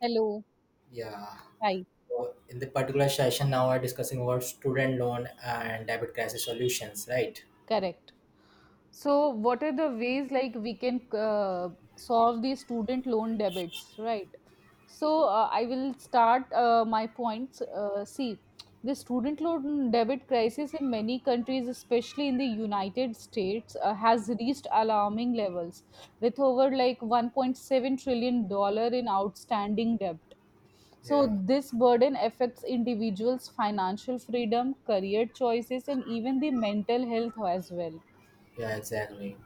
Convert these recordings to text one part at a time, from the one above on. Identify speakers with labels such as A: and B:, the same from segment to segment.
A: Hello.
B: Yeah.
A: Hi.
B: Well, in the particular session, now we're discussing about student loan and debit crisis solutions, right?
A: Correct. So, what are the ways like we can solve the student loan debits, right? So, I will start my points. See, the student loan debit crisis in many countries, especially in the United States, has reached alarming levels, with over like 1.7 trillion dollars in outstanding debt. So,
B: Yeah.
A: this burden affects individuals' financial freedom, career choices, and even the mental health as well.
B: Yeah, exactly.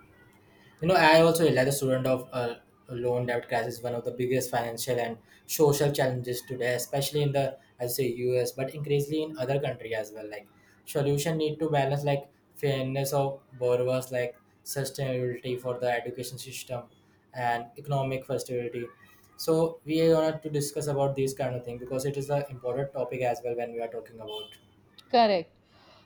B: You know, I also realized the student of loan debt crisis is one of the biggest financial and social challenges today, especially in the I say U.S. but increasingly in other country as well. Like solution need to balance like fairness of borrowers, like sustainability for the education system, and economic flexibility. So we are going to discuss about these kind of thing because it is an important topic as well when we are talking about.
A: Correct.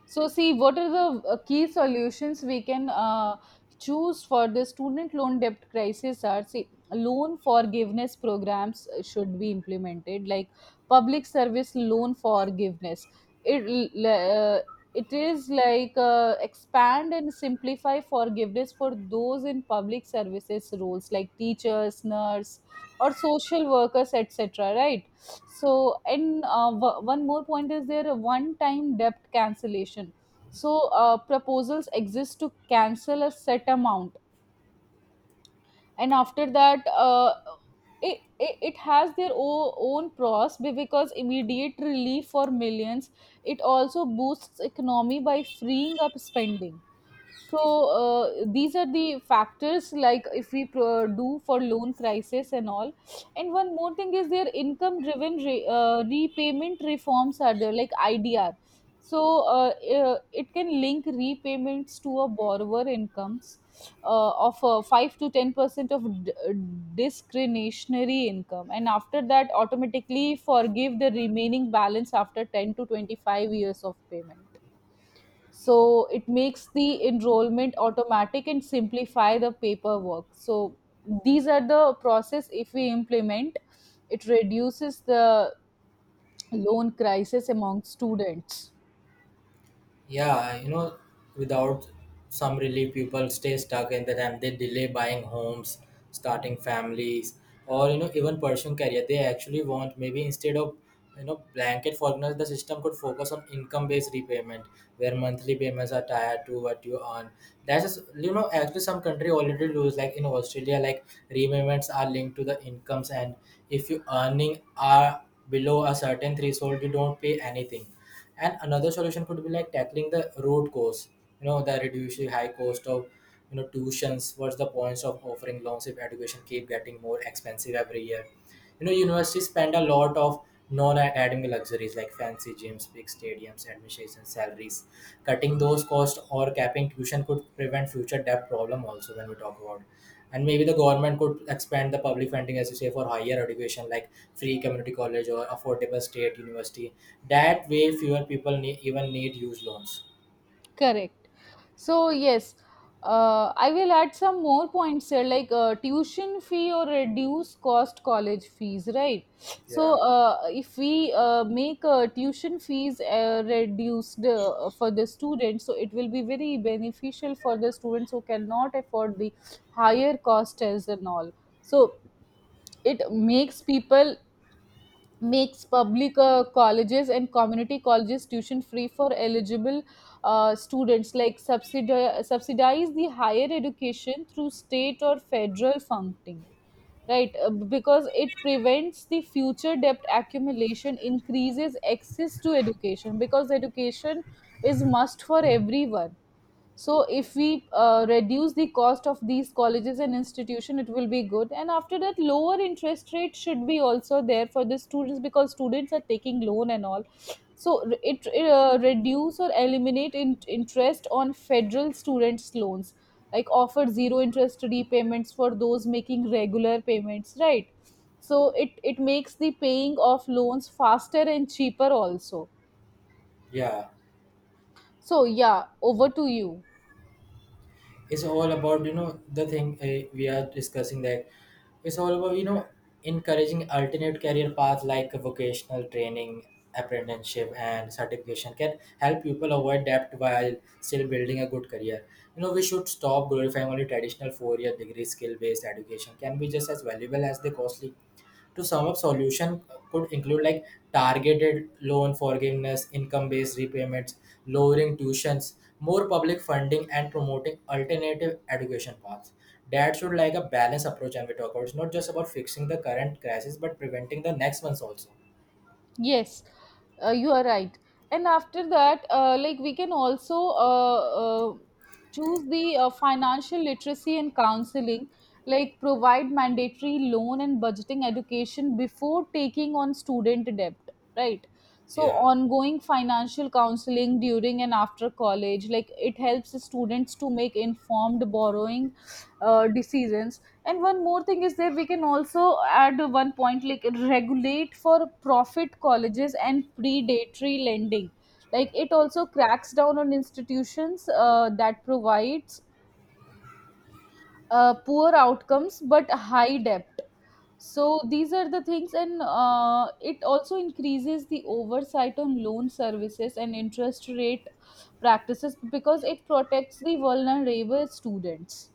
A: So, see, what are the key solutions we can choose for the student loan debt crisis? Are see, loan forgiveness programs should be implemented, like public service loan forgiveness. It l- uh, it is like expand and simplify forgiveness for those in public services roles, like teachers, nurse, or social workers, etc. Right so, and one more point is there one time debt cancellation. So, proposals exist to cancel a set amount, and after that, it has their own pros because immediate relief for millions. It also boosts economy by freeing up spending, so these are the factors like if we do for loan crisis and all. And one more thing is their income driven repayment reforms are there like idr. So it can link repayments to a borrower incomes of 5 to 10% of discretionary income, and after that automatically forgive the remaining balance after 10 to 25 years of payment. So it makes the enrollment automatic and simplify the paperwork, so these are the process. If we implement, it reduces the loan crisis among students.
B: Yeah, you know, without some relief, people stay stuck in the time. They delay buying homes, starting families, or even pursuing career. They actually want maybe instead of blanket forgiveness, the system could focus on income-based repayment, where monthly payments are tied to what you earn. That's just, actually some country already does, like in Australia, like repayments are linked to the incomes, and if you earning are below a certain threshold, you don't pay anything. And another solution could be like tackling the root cause, the reducing high cost of tuitions. What's the points of offering loans if education keep getting more expensive every year? Universities spend a lot of non-academic luxuries like fancy gyms, big stadiums, admissions salaries. Cutting those costs or capping tuition could prevent future debt problem also when we talk about. And maybe the government could expand the public funding, as you say, for higher education, like free community college or affordable state university. That way fewer people need, even need huge loans.
A: Correct. So yes, I will add some more points here, like tuition fee or reduce cost college fees, right?
B: Yeah.
A: So if we make tuition fees reduced for the students, so it will be very beneficial for the students who cannot afford the higher cost as and all. So it makes people, makes public colleges and community colleges tuition free for eligible students, like subsidize the higher education through state or federal funding, right? Because it prevents the future debt accumulation, increases access to education, because education is must for everyone. So if we reduce the cost of these colleges and institution, it will be good. And after that, lower interest rate should be also there for the students, because students are taking loan and all. So it reduce or eliminate interest on federal students loans, like offer zero interest repayments for those making regular payments, right? So it makes the paying of loans faster and cheaper also.
B: Yeah,
A: So yeah, over to you.
B: it's all about the thing, we are discussing that it's all about encouraging alternate career paths like vocational training, apprenticeship and certification can help people avoid debt while still building a good career. We should stop glorifying only traditional four-year degree. Skill-based education can be just as valuable as the costly. To sum up, solution could include like targeted loan forgiveness, income based repayments, lowering tuitions, more public funding and promoting alternative education paths. That should like a balanced approach, and we talk about it's not just about fixing the current crisis but preventing the next ones also.
A: Yes, you are right. And after that, like we can also choose the financial literacy and counseling, like provide mandatory loan and budgeting education before taking on student debt, right? So,
B: Yeah.
A: ongoing financial counseling during and after college, like it helps the students to make informed borrowing decisions. And one more thing is there, we can also add one point like regulate for profit colleges and predatory lending. Like it also cracks down on institutions that provides poor outcomes but high debt. So these are the things, and it also increases the oversight on loan services and interest rate practices, because it protects the vulnerable students.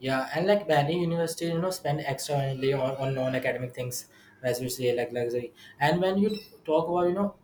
B: Yeah, and like many universities spend extra money on non-academic things, as we say, like luxury. And when you talk about,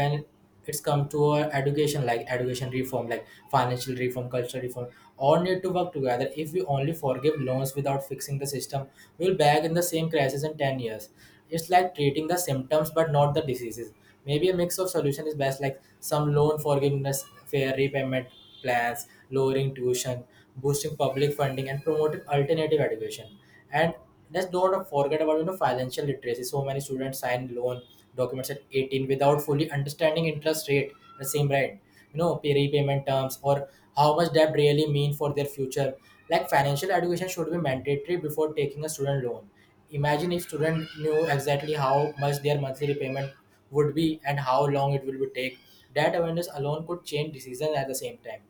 B: when it's come to our education, like education reform, like financial reform, cultural reform, all need to work together. If we only forgive loans without fixing the system, we'll back in the same crisis in 10 years. It's like treating the symptoms but not the diseases. Maybe a mix of solution is best, like some loan forgiveness, fair repayment plans, lowering tuition, boosting public funding and promoting alternative education. And let's don't forget about financial literacy. So many students sign loan documents at 18 without fully understanding interest rate, the same right, pay repayment terms or how much debt really mean for their future. Like financial education should be mandatory before taking a student loan. Imagine if student knew exactly how much their monthly repayment would be and how long it will be take. That awareness alone could change decisions at the same time.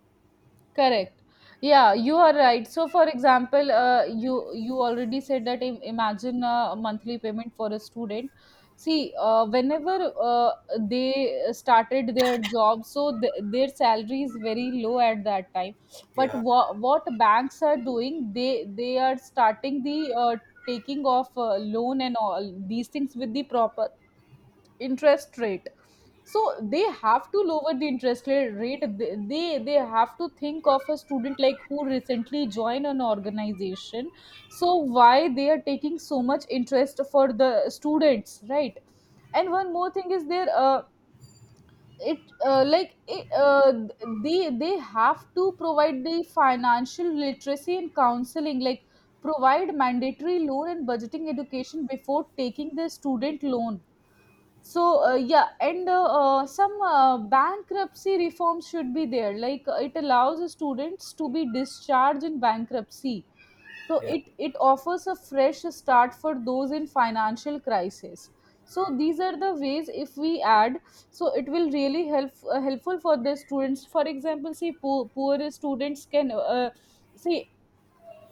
A: Correct. Yeah, you are right. So, for example, you already said that imagine a monthly payment for a student. See, whenever they started their job, so their salary is very low at that time. But
B: Yeah,
A: wha what banks are doing, they are starting the uh, taking of loan and all these things with the proper interest rate. So they have to lower the interest rate. They have to think of a student like who recently joined an organization. So why they are taking so much interest for the students, right? And one more thing is there, it like it, they have to provide the financial literacy and counseling, like provide mandatory loan and budgeting education before taking the student loan. So yeah. And some bankruptcy reforms should be there, like it allows students to be discharged in bankruptcy, so
B: yeah,
A: it offers a fresh start for those in financial crisis. So these are the ways if we add, so it will really help, helpful for the students. For example, see, poor students can, see,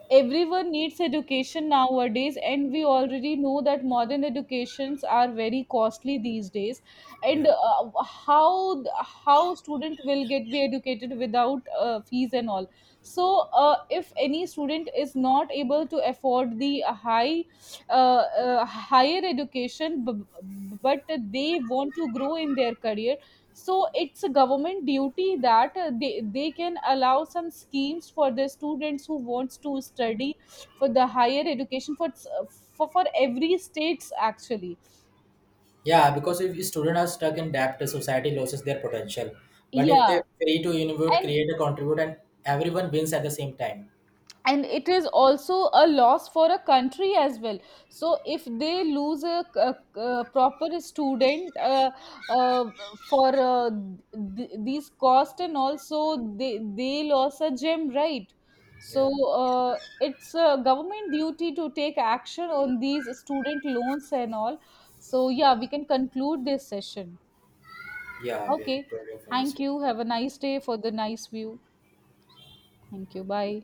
A: everyone needs education nowadays, and we already know that modern educations are very costly these days. And
B: yeah.
A: how student will get be educated without fees and all. So if any student is not able to afford the high, higher education, but they want to grow in their career, so it's a government duty that they can allow some schemes for the students who wants to study for the higher education for for every states actually.
B: Yeah, because if students are stuck in debt, the society loses their potential. But if they're
A: Yeah,
B: free to innovate,
A: and
B: create, contribute, and everyone wins at the same time.
A: and it is also a loss for a country as well. So if they lose a proper student, uh, for these cost, and also they lost a gem, right? So
B: Yeah,
A: it's a government duty to take action on these student loans and all. So yeah, we can conclude this session.
B: yeah, we are
A: Okay,
B: thankful for this
A: thank you,
B: session.
A: have a nice day for the nice view. Thank you, bye.